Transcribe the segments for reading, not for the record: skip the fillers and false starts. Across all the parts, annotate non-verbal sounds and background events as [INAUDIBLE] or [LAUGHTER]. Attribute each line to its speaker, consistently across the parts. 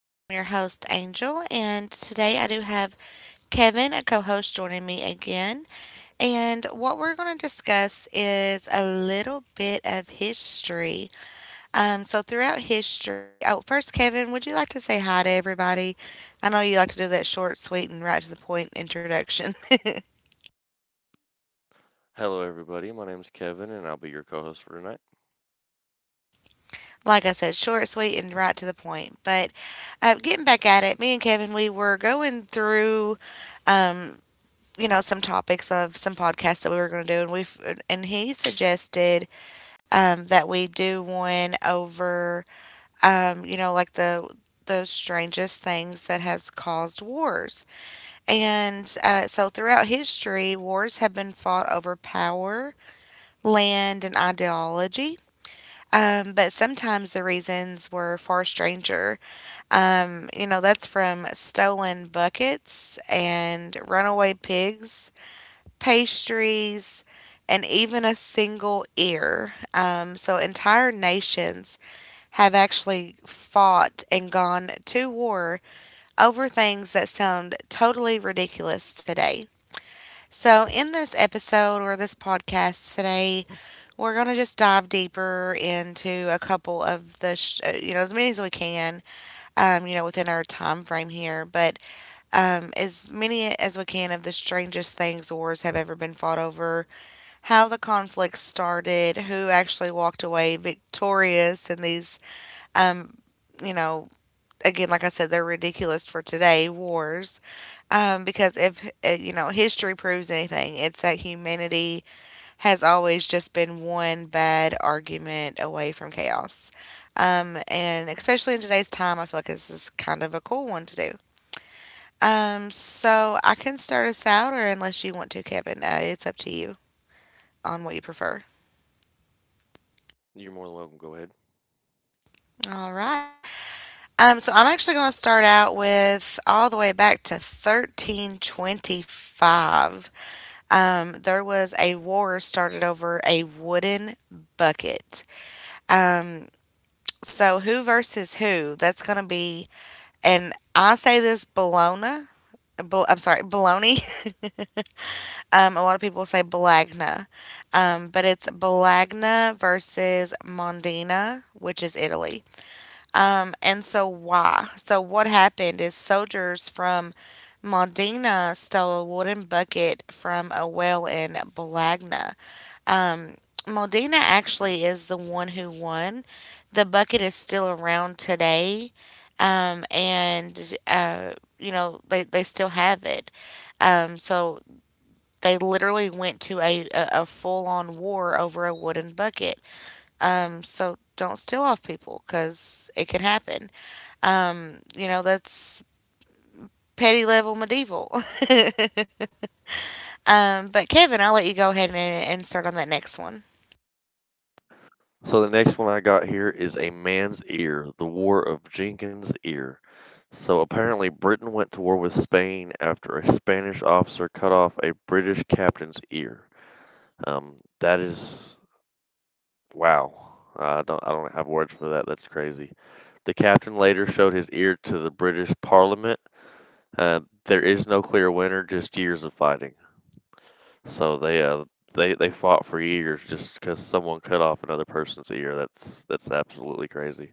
Speaker 1: I'm your host, Angel, and today I do have Kevin, a co host, joining me again. And what we're going to discuss is a little bit of history. Throughout history, oh, first, Kevin, would you like to say hi to everybody? I know you like to do that short, sweet, and right to the point introduction. [LAUGHS]
Speaker 2: Hello, everybody. My name is Kevin, and I'll be your co host for tonight.
Speaker 1: Like I said, short, sweet, and right to the point. But getting back at it, me and Kevin, we were going through, um, some topics of some podcasts that we were going to do, and we have and he suggested that we do one over, like the strangest things that has caused wars. And so throughout history, wars have been fought over power, land, and ideology. But sometimes the reasons were far stranger. That's from stolen buckets and runaway pigs, pastries, and even a single ear. So entire nations have actually fought and gone to war over things that sound totally ridiculous today. So, in this episode or this podcast today, we're going to just dive deeper into a couple of the, as many as we can, within our time frame here, but as many as we can of the strangest things wars have ever been fought over, how the conflict started, who actually walked away victorious in these, um, you know, again, like I said, they're ridiculous for today wars because if you know history proves anything, it's that humanity has always just been one bad argument away from chaos. And especially in today's time, I feel like this is kind of a cool one to do. So I can start us out, or unless you want to, Kevin, it's up to you on what you prefer.
Speaker 2: You're more than welcome. Go ahead.
Speaker 1: All right. So I'm actually going to start out with all the way back to 1325. There was a war started over a wooden bucket. Um, So who versus who? That's going to be, and I say this Bologna. I'm sorry, Bologna. [LAUGHS] Um, a lot of people say Bologna, but it's Bologna versus Mondina, which is Italy. And so why? So what happened is soldiers from Mondina stole a wooden bucket from a well in Bologna. um, Moldina actually is the one who won. The bucket is still around today, and you know they still have it. So they literally went to a full on war over a wooden bucket. So don't steal off people because it can happen. You know that's petty level medieval. [LAUGHS] Um, but Kevin, I'll let you go ahead and start on that next one.
Speaker 2: So, the next one I got here is a man's ear, the War of Jenkins' Ear. So, apparently, Britain went to war with Spain after a Spanish officer cut off a British captain's ear. That is wow. I don't have words for that. That's crazy. The captain later showed his ear to the British Parliament. There is no clear winner, just years of fighting. So they they fought for years just because someone cut off another person's ear. That's absolutely crazy.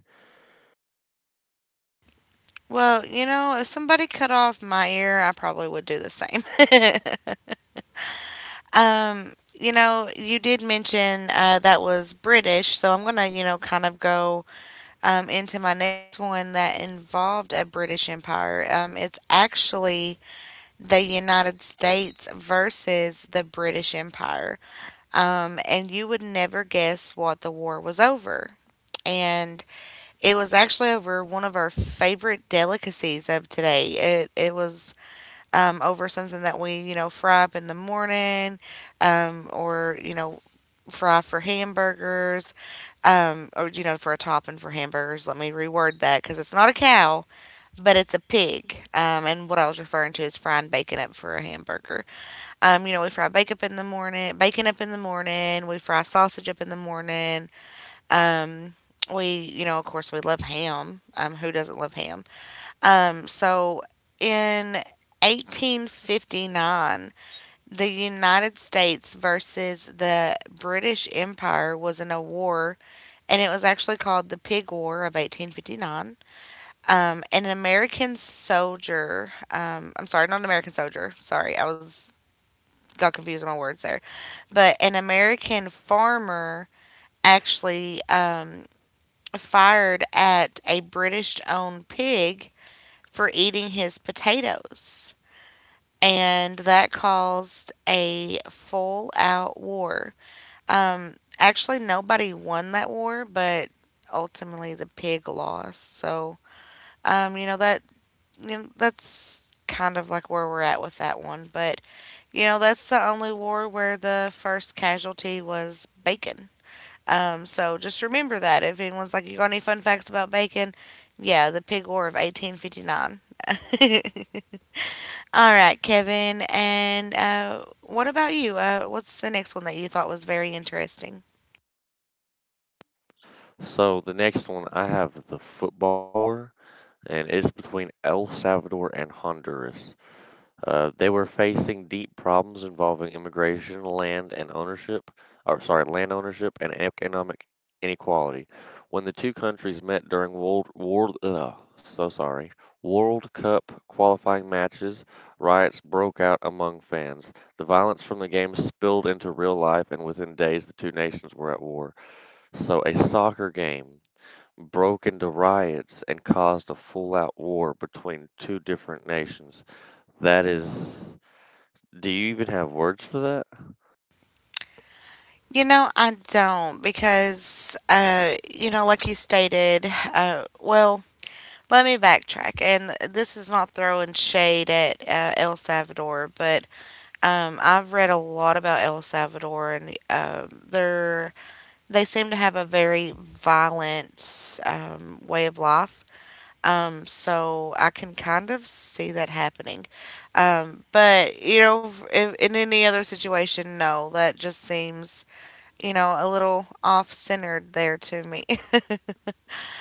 Speaker 1: Well, you know, if somebody cut off my ear, I probably would do the same. [LAUGHS] Um, you know, you did mention that was British, so I'm gonna, you know, kind of go into my next one that involved a British Empire. It's actually the United States versus the British Empire, and you would never guess what the war was over. And it was actually over one of our favorite delicacies of today. It was over something that we, you know, fry up in the morning, or, you know, fry for hamburgers, or, you know, for a topping for hamburgers. Let me reword that because it's not a cow, but it's a pig. And what I was referring to is frying bacon up for a hamburger. You know, we fry bacon up in the morning, bacon up in the morning, we fry sausage up in the morning. Um, we, you know, of course, we love ham. Who doesn't love ham? So in 1859, the United States versus the British Empire was in a war, and it was actually called the Pig War of 1859. And an American soldier, I'm sorry, not an American soldier, sorry, I was Got confused on my words there, but an American farmer actually fired at a British owned pig for eating his potatoes, and that caused a full out war. Actually, nobody won that war, but ultimately the pig lost. You know that's kind of like where we're at with that one. But you know that's the only war where the first casualty was bacon. So just remember that if anyone's like, "You got any fun facts about bacon?" Yeah, the pig war of 1859. [LAUGHS] All right, Kevin. And what about you? What's the next one that you thought was very interesting?
Speaker 2: So the next one I have the football war, and it's between El Salvador and Honduras. They were facing deep problems involving immigration, land and ownership, or sorry, land ownership and economic inequality. When the two countries met during World War, ugh, so sorry, World Cup qualifying matches, riots broke out among fans. The violence from the game spilled into real life, and within days, the two nations were at war. So a soccer game broke into riots and caused a full-out war between two different nations. That is. Do you even have words for that?
Speaker 1: You know, I don't because, you know, like you stated, well, let me backtrack. And this is not throwing shade at El Salvador, but I've read a lot about El Salvador, and they seem to have a very violent way of life. So I can kind of see that happening. But you know, if, in any other situation, no, that just seems you know a little off centered there to me.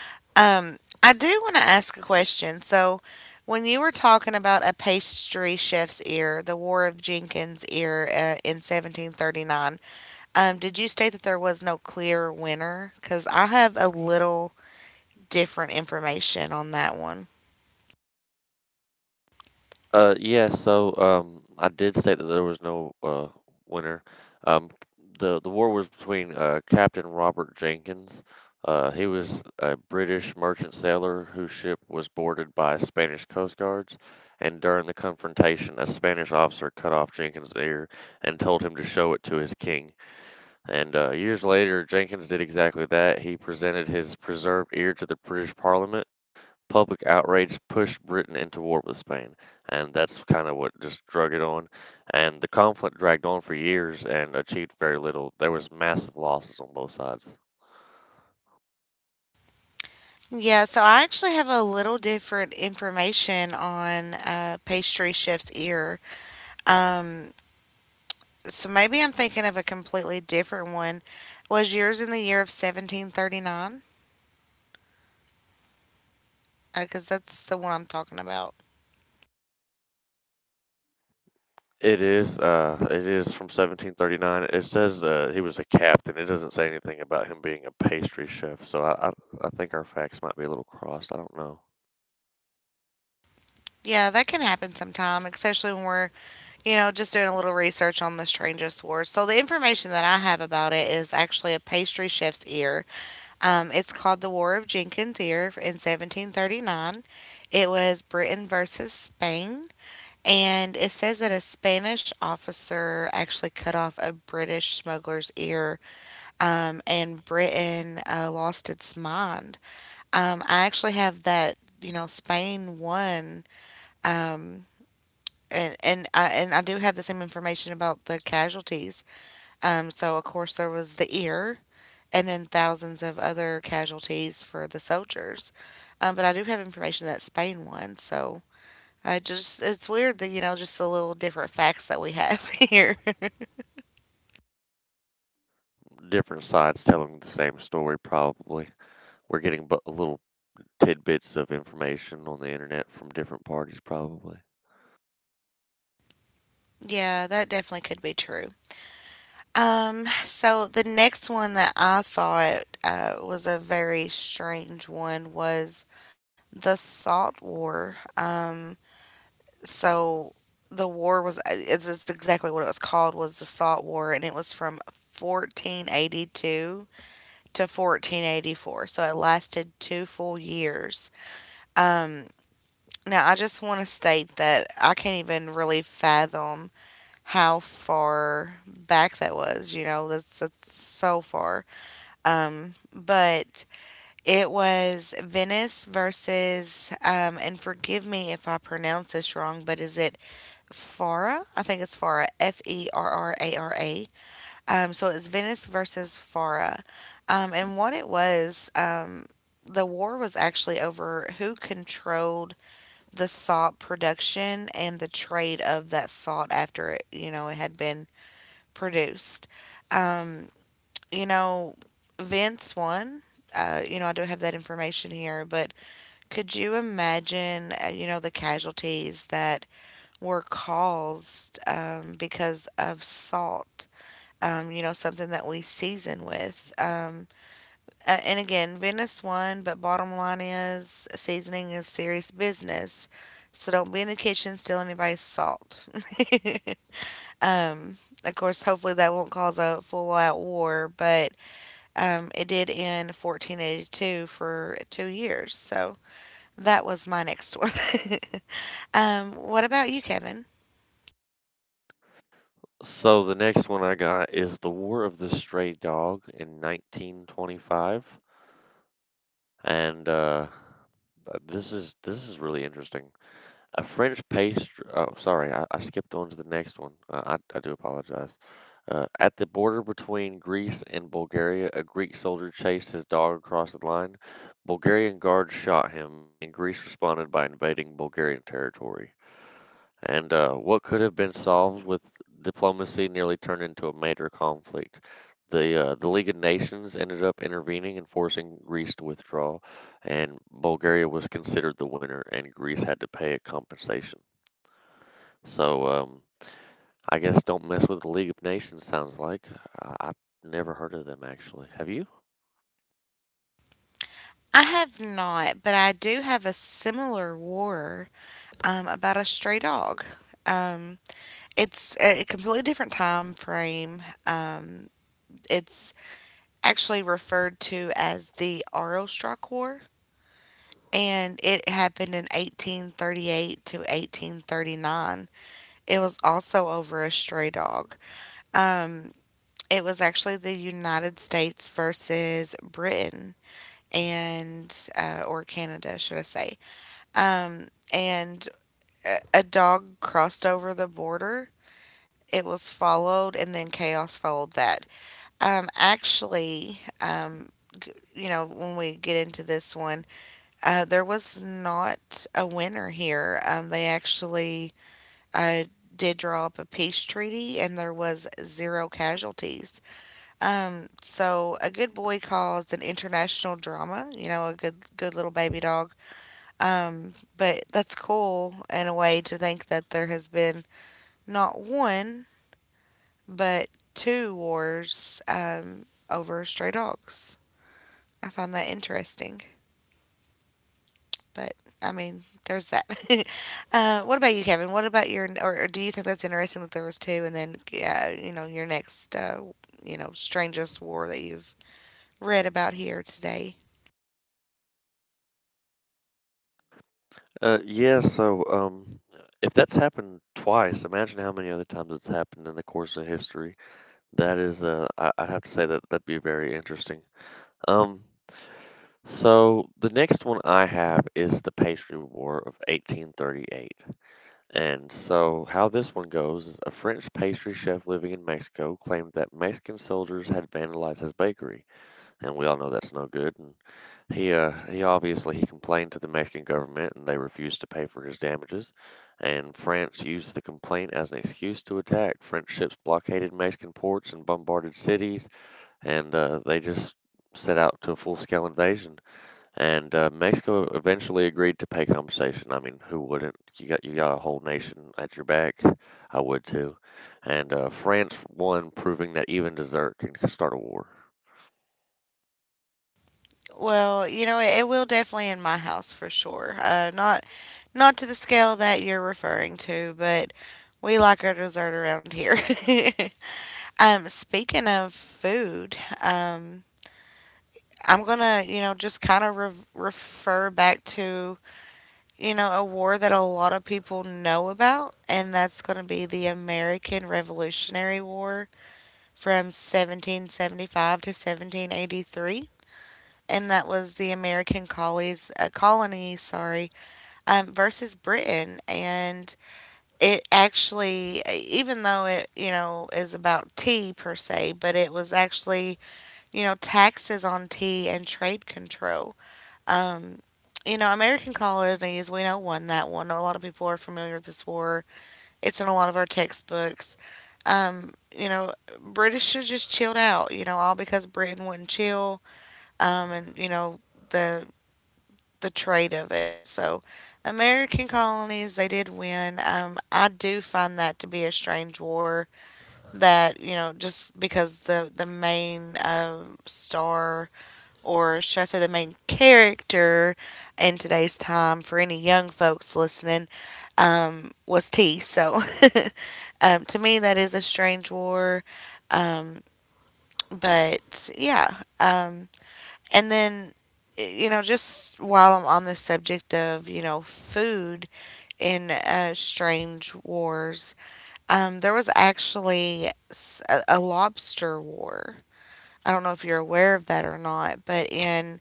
Speaker 1: [LAUGHS] Um, I do want to ask a question. So, when you were talking about a pastry chef's ear, the War of Jenkins ear in 1739, did you state that there was no clear winner? Because I have a little different information on that.
Speaker 2: I did state that there was no winner. Um, the war was between Captain Robert Jenkins. He was a British merchant sailor whose ship was boarded by Spanish coast guards, and during the confrontation, a Spanish officer cut off Jenkins' ear and told him to show it to his king. And years later, Jenkins did exactly that. He presented his preserved ear to the British Parliament. Public outrage pushed Britain into war with Spain, and that's kind of what just drug it on. And the conflict dragged on for years and achieved very little. There was massive losses on both sides.
Speaker 1: Yeah, so I actually have a little different information on pastry chef's ear. Um, so maybe I'm thinking of a completely different one. Was yours in the year of 1739? Because that's the one I'm talking about.
Speaker 2: It is from 1739. It says he was a captain. It doesn't say anything about him being a pastry chef. So I think our facts might be a little crossed. I don't know.
Speaker 1: Yeah, that can happen sometime, especially when we're, you know, just doing a little research on the strangest wars. So the information that I have about it is actually a pastry chef's ear. It's called the War of Jenkins' Ear in 1739. It was Britain versus Spain, and it says that a Spanish officer actually cut off a British smuggler's ear, and Britain lost its mind. I actually have that, you know, Spain won. Um, and I do have the same information about the casualties. So of course there was the ear, and then thousands of other casualties for the soldiers. But I do have information that Spain won. So I just it's weird that you know just the little different facts that we have [LAUGHS] here.
Speaker 2: Different sides telling the same story, probably. We're getting little tidbits of information on the internet from different parties, probably.
Speaker 1: Yeah, that definitely could be true. So the next one that I thought was a very strange one was the Salt War. So the war was it's exactly what it was called was the salt war and it was from 1482 to 1484, so it lasted two full years. um Now I just want to state that I can't even really fathom how far back that was. You know that's so far, but it was Venice versus and forgive me if I pronounce this wrong, but is it Farah? I think it's Farah. Ferrara. So it's Venice versus Farah. And What it was, the war was actually over who controlled the salt production and the trade of that salt after it, you know, it had been produced. Um, you know, Vince won. You know, I do have that information here, but could you imagine, you know, the casualties that were caused because of salt. You know, something that we season with. And again, Venice won, but bottom line is seasoning is serious business. So don't be in the kitchen stealing anybody's salt. [LAUGHS] Um, of course, hopefully that won't cause a full out war, but it did end 1482 for 2 years. So that was my next one. [LAUGHS] Um, what about you, Kevin?
Speaker 2: So the next one I got is the War of the Stray Dog in 1925, and this is really interesting. A French pastry. Oh, sorry, I skipped on to the next one. I do apologize. At the border between Greece and Bulgaria, a Greek soldier chased his dog across the line. Bulgarian guards shot him, and Greece responded by invading Bulgarian territory. And what could have been solved with diplomacy nearly turned into a major conflict. The League of Nations ended up intervening and forcing Greece to withdraw, and Bulgaria was considered the winner, and Greece had to pay a compensation. So I guess don't mess with the League of Nations, sounds like. I've never heard of them, actually. Have you?
Speaker 1: I have not, but I do have a similar war about a stray dog. Um, it's a completely different time frame. It's actually referred to as the Aroostook War, and it happened in 1838 to 1839. It was also over a stray dog. Um, it was actually the United States versus Britain and or Canada, should I say? Um, and a dog crossed over the border. It was followed, and then chaos followed that. Um, actually, um, you know, when we get into this one, there was not a winner here. They actually uh, did draw up a peace treaty, and there was zero casualties. So a good boy caused an international drama. You know, a good, good little baby dog but that's cool in a way to think that there has been not one, but two wars over stray dogs. I find that interesting. But I mean, there's that. [LAUGHS] What about you, Kevin? What about or do you think that's interesting that there was two, and then your next, strangest war that you've read about here today?
Speaker 2: Uh, yeah, so um, if that's happened twice, imagine how many other times it's happened in the course of history. That is, I'd have to say that that'd be very interesting. Um, so the next one I have is the Pastry War of 1838. And so how this one goes is a French pastry chef living in Mexico claimed that Mexican soldiers had vandalized his bakery, and we all know that's no good. And he complained to the Mexican government, and they refused to pay for his damages. And France used the complaint as an excuse to attack. French ships blockaded Mexican ports and bombarded cities and they just set out to a full scale invasion. And Mexico eventually agreed to pay compensation. I mean, who wouldn't? You got a whole nation at your back. I would too. And France won, proving that even dessert can start a war.
Speaker 1: Well, you know, it will definitely in my house for sure. Not to the scale that you're referring to, but we like our dessert around here. [LAUGHS] Speaking of food, I'm gonna, just kind of refer back to, a war that a lot of people know about, and that's gonna be the American Revolutionary War from 1775 to 1783. And that was the American colonies, colony, sorry, versus Britain, and it even though it is about tea per se, but it was actually taxes on tea and trade control. Um, American colonies, we know won that one. A lot of people are familiar with this war. It's in a lot of our textbooks. Um, you know, British should just chilled out, you know, all because Britain wouldn't chill. Um, and, you know, the the trade of it. So, American colonies, they did win. I do find that to be a strange war that, you know, just because the main star, or should I say the main character in today's time for any young folks listening, was tea. So, [LAUGHS] to me, that is a strange war. Um, but yeah, um, and then, just while I'm on the subject of, food in Strange Wars, there was actually a lobster war. I don't know if you're aware of that or not, but in,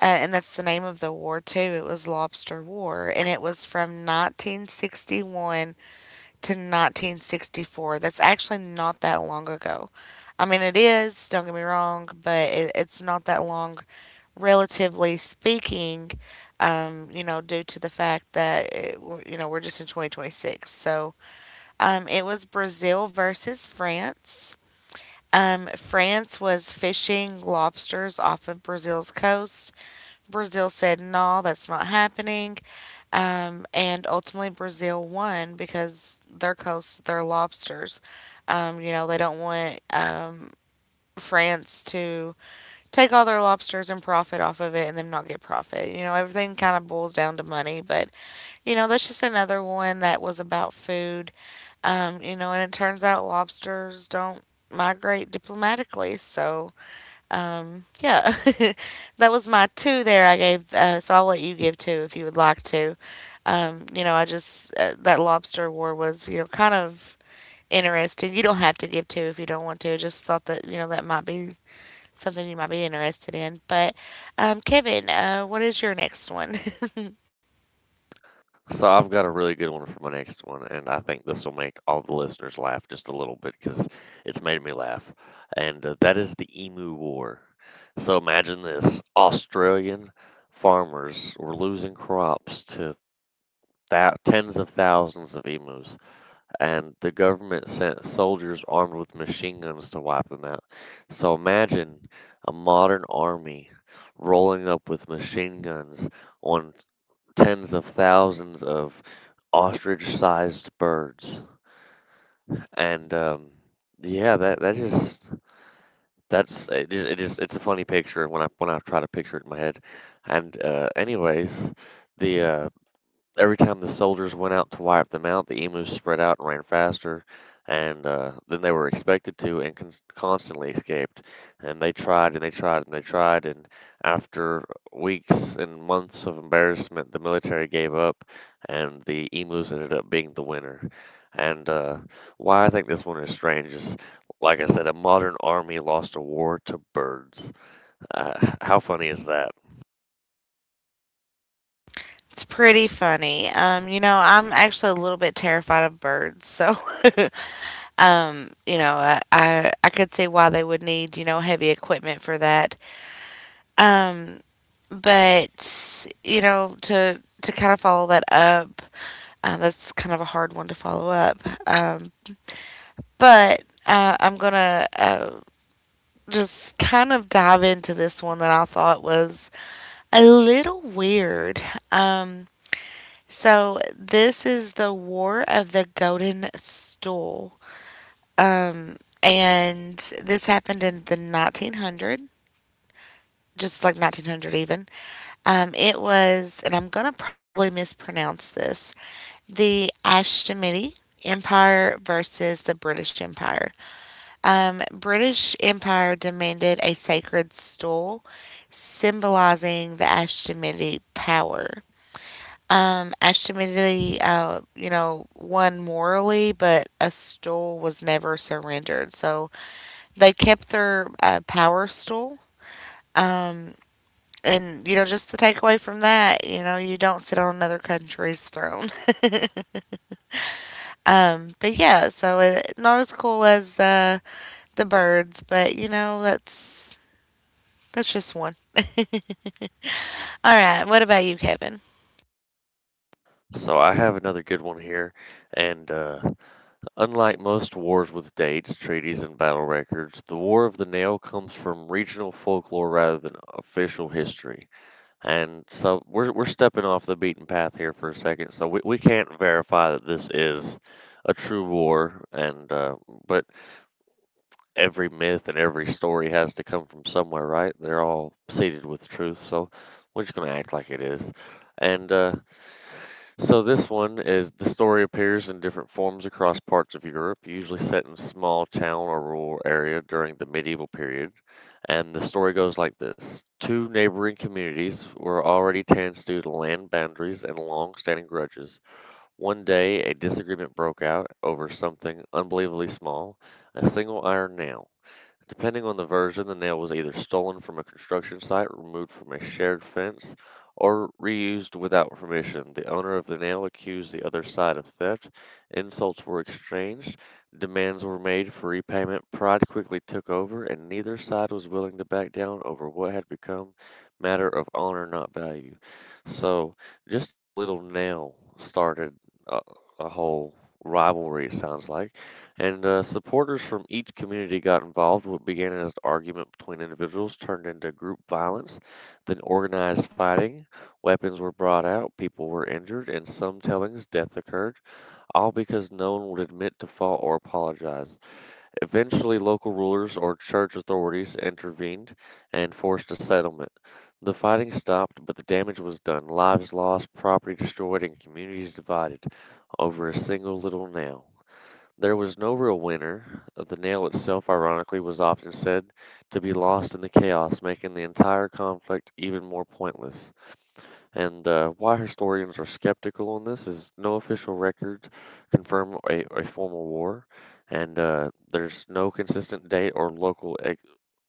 Speaker 1: uh, and that's the name of the war too, it was Lobster War, and it was from 1961 to 1964. That's actually not that long ago. I mean, it is, don't get me wrong, but it's not that long relatively speaking, you know, due to the fact that, you know, we're just in 2026. So it was Brazil versus France. France was fishing lobsters off of Brazil's coast. Brazil said, no, that's not happening. And ultimately, Brazil won because their coast, their lobsters, you know, they don't want France to take all their lobsters and profit off of it and then not get profit. You know, everything kind of boils down to money, but you know, that's just another one that was about food. You know, and it turns out lobsters don't migrate diplomatically. So, yeah, [LAUGHS] that was my two there I gave. So I'll let you give two if you would like to. You know, I just, that lobster war was, you know, kind of interesting. You don't have to give two if you don't want to. I just thought that, you know, that might be something you might be interested in. But Kevin, what is your next one? [LAUGHS]
Speaker 2: So I've got a really good one for my next one, and I think this will make all the listeners laugh just a little bit because it's made me laugh. And that is the Emu War. So imagine this: Australian farmers were losing crops to that tens of thousands of emus, and the government sent soldiers armed with machine guns to wipe them out. So imagine a modern army rolling up with machine guns on tens of thousands of ostrich-sized birds, and yeah, that that just that's it, ju- it just it's a funny picture when I try to picture it in my head, and anyways, the every time the soldiers went out to wipe them out, the emus spread out and ran faster, and than they were expected to, and constantly escaped. And they tried and they tried and they tried, and after weeks and months of embarrassment, the military gave up, and the emus ended up being the winner. And why I think this one is strange is, like I said, a modern army lost a war to birds. How funny is that?
Speaker 1: It's pretty funny. You know, I'm actually a little bit terrified of birds, so [LAUGHS] you know, I could see why they would need heavy equipment for that. Um, but you know, to kind of follow that up, that's kind of a hard one to follow up. Um, but I'm gonna just kind of dive into this one that I thought was a little weird. Um, so this is the War of the Golden Stool. And this happened in the 1900, just like 1900 even. It was, and I'm going to probably mispronounce this, the Ashtamidi Empire versus the British Empire. British Empire demanded a sacred stool symbolizing the Ashtamidi power. Ultimately, you know, won morally, but a stool was never surrendered. So they kept their power stool. Um, and, you know, just the takeaway from that, you know, you don't sit on another country's throne. [LAUGHS] But yeah, so it, not as cool as the birds, but you know, that's just one. All right, what about you, Kevin?
Speaker 2: So I have another good one here, and unlike most wars with dates, treaties, and battle records, the War of the Nail comes from regional folklore rather than official history. And so we're stepping off the beaten path here for a second, so we can't verify that this is a true war. And but every myth and every story has to come from somewhere, right? They're all seeded with truth, so we're just gonna act like it is. And so this one is the story appears in different forms across parts of Europe, usually set in a small town or rural area during the medieval period. And the story goes like this. Two neighboring communities were already tense due to land boundaries and long-standing grudges. One day, a disagreement broke out over something unbelievably small, a single iron nail. Depending on the version, the nail was either stolen from a construction site, removed from a shared fence, or reused without permission. The owner of the nail accused the other side of theft. Insults were exchanged. Demands were made for repayment. Pride quickly took over, and neither side was willing to back down over what had become matter of honor, not value. So, just a little nail started a, a whole rivalry, it sounds like. And supporters from each community got involved. What began as an argument between individuals turned into group violence, then organized fighting. Weapons were brought out, people were injured, and some tellings death occurred, all because no one would admit to fault or apologize. Eventually, local rulers or church authorities intervened and forced a settlement. The fighting stopped, but the damage was done. Lives lost, property destroyed, and communities divided over a single little nail. There was no real winner. The nail itself, ironically, was often said to be lost in the chaos, making the entire conflict even more pointless. And why historians are skeptical on this is no official records confirm a formal war, and there's no consistent date or local ex-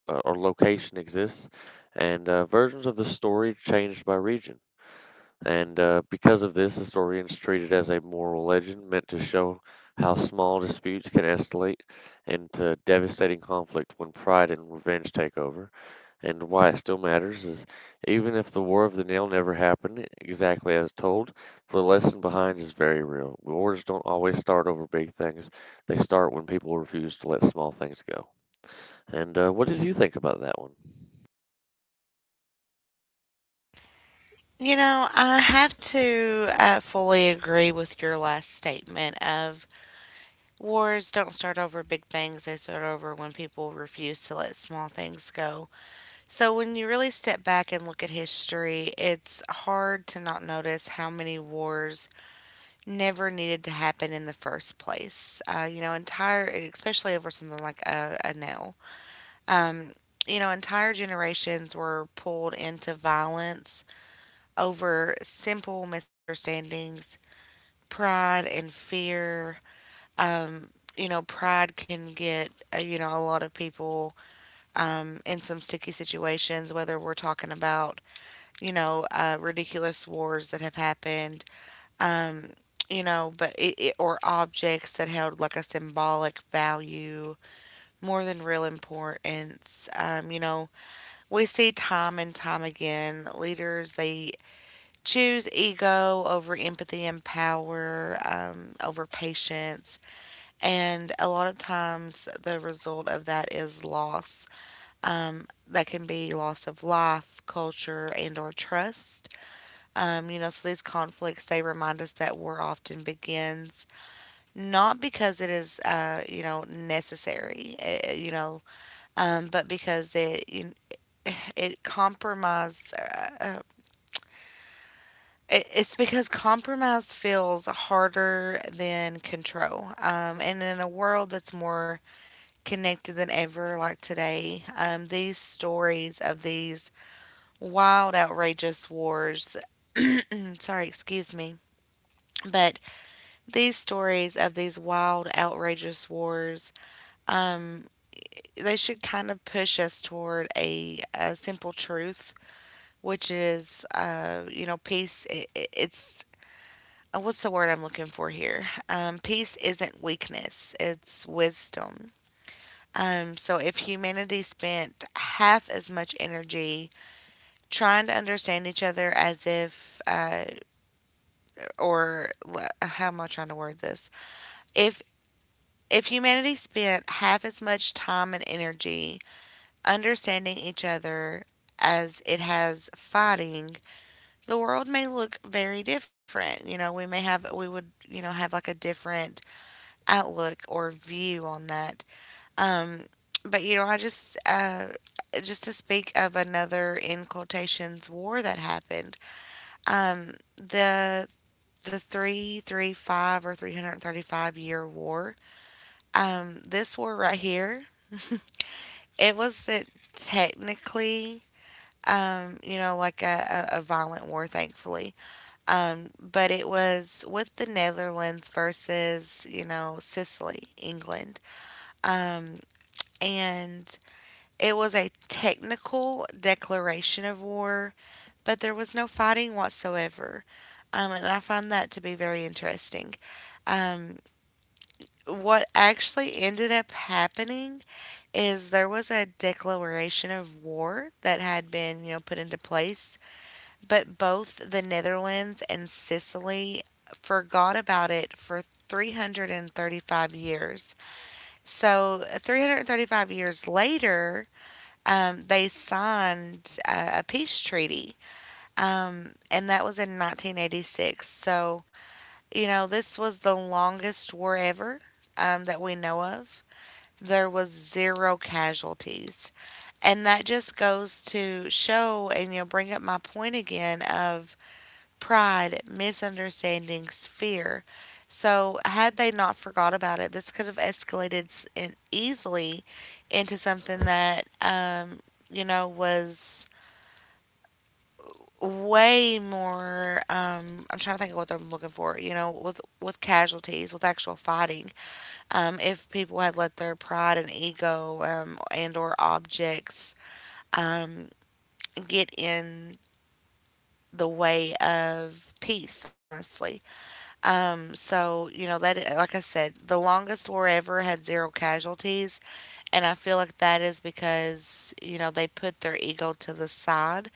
Speaker 2: uh, or location exists, and versions of the story changed by region. And because of this, historians treat it as a moral legend meant to show how small disputes can escalate into devastating conflict when pride and revenge take over. And why it still matters is even if the War of the Nail never happened exactly as told, the lesson behind is very real. Wars don't always start over big things, they start when people refuse to let small things go. And what did you think about that one?
Speaker 1: You know, I have to fully agree with your last statement of wars don't start over big things, they start over when people refuse to let small things go. So, when you really step back and look at history, it's hard to not notice how many wars never needed to happen in the first place. You know, entire, especially over something like a nail. Um, you know, entire generations were pulled into violence over simple misunderstandings, pride, and fear um, you know, pride can get, you know, a lot of people in some sticky situations, whether we're talking about, you know, ridiculous wars that have happened, um, you know, but or objects that held like a symbolic value more than real importance. You know, we see time and time again leaders, they choose ego over empathy and power, over patience and a lot of times, the result of that is loss. That can be loss of life, culture, and or trust. You know, so these conflicts they remind us that war often begins not because it is, you know, necessary, you know, but because it [SIGHS] it compromise. It's because compromise feels harder than control. And in a world that's more connected than ever, like today. These stories of these wild, outrageous wars. [CLEARS THROAT] Sorry, excuse me. But these stories of these wild, outrageous wars, um, they should kind of push us toward a simple truth, which is, you know, peace. I It's what's the word I'm looking for here? Peace isn't weakness; it's wisdom. So, if humanity spent half as much energy trying to understand each other as if, how am I trying to word this? If humanity spent half as much time and energy understanding each other as it has fighting, the world may look very different. You know, we would you know have like a different outlook or view on that. Um, but you know, I just to speak of another in quotations war that happened. Um, the the three three five or 335 year war. This war right here, [LAUGHS] it wasn't technically you know like a violent war, thankfully. But it was with the Netherlands versus you know Sicily, England. Um, and it was a technical declaration of war, but there was no fighting whatsoever. And I find that to be very interesting. Um, what actually ended up happening is there was a declaration of war that had been, you know, put into place, but both the Netherlands and Sicily forgot about it for 335 years. So, 335 years later, they signed a peace treaty, and that was in 1986. So, you know, this was the longest war ever that we know of. There was zero casualties, and that just goes to show and you know bring up my point again of pride, misunderstandings, fear. So, had they not forgot about it, this could have escalated s- in easily into something that you know was way more I'm trying to think of what I'm looking for, you know, with casualties, with actual fighting. If people had let their pride and ego and or objects um get in the way of peace, honestly. So, you know, that like I said, the longest war ever had zero casualties and I feel like that is because, you know, they put their ego to the side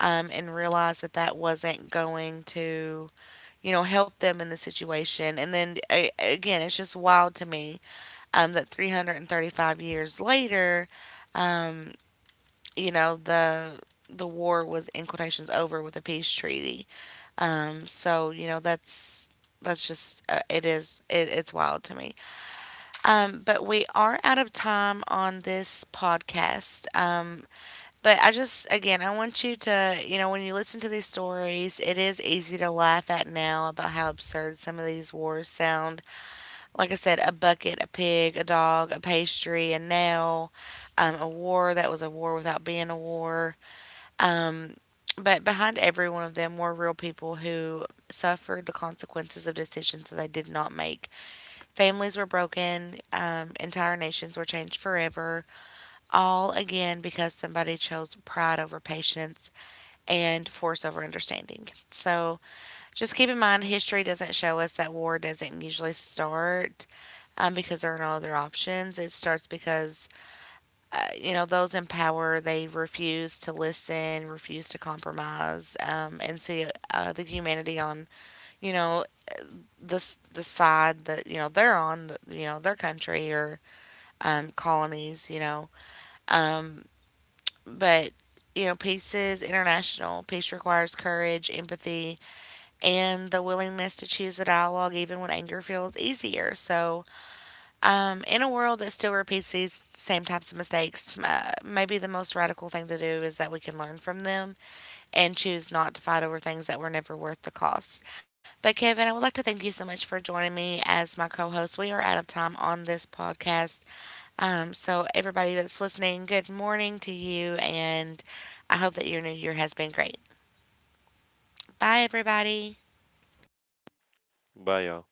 Speaker 1: and realized that that wasn't going to you know, help them in the situation. And then again, it's just wild to me that 335 years later, um, you know, the war was in quotations over with a peace treaty. So you know, that's just it's wild to me. But we are out of time on this podcast. But I just, again, I want you to, you know, when you listen to these stories, it is easy to laugh at now about how absurd some of these wars sound. Like I said, a bucket, a pig, a dog, a pastry, a nail, a war that was a war without being a war. Um, but behind every one of them were real people who suffered the consequences of decisions that they did not make. Families were broken, entire nations were changed forever, all again because somebody chose pride over patience and force over understanding. So just keep in mind, history doesn't show us that war doesn't usually start because there are no other options. It starts because, you know, those in power, they refuse to listen, refuse to compromise, and see the humanity on, you know, the, the side that, you know, they're on, you know, their country or colonies, you know. Um, but you know, peace is international. Peace requires courage, empathy, and the willingness to choose the dialogue even when anger feels easier. So, in a world that still repeats these same types of mistakes, maybe the most radical thing to do is that we can learn from them and choose not to fight over things that were never worth the cost. But, Kevin, I would like to thank you so much for joining me as my co host. We are out of time on this podcast. So, everybody that's listening, good morning to you, and I hope that your new year has been great. Bye, everybody.
Speaker 2: Bye, y'all.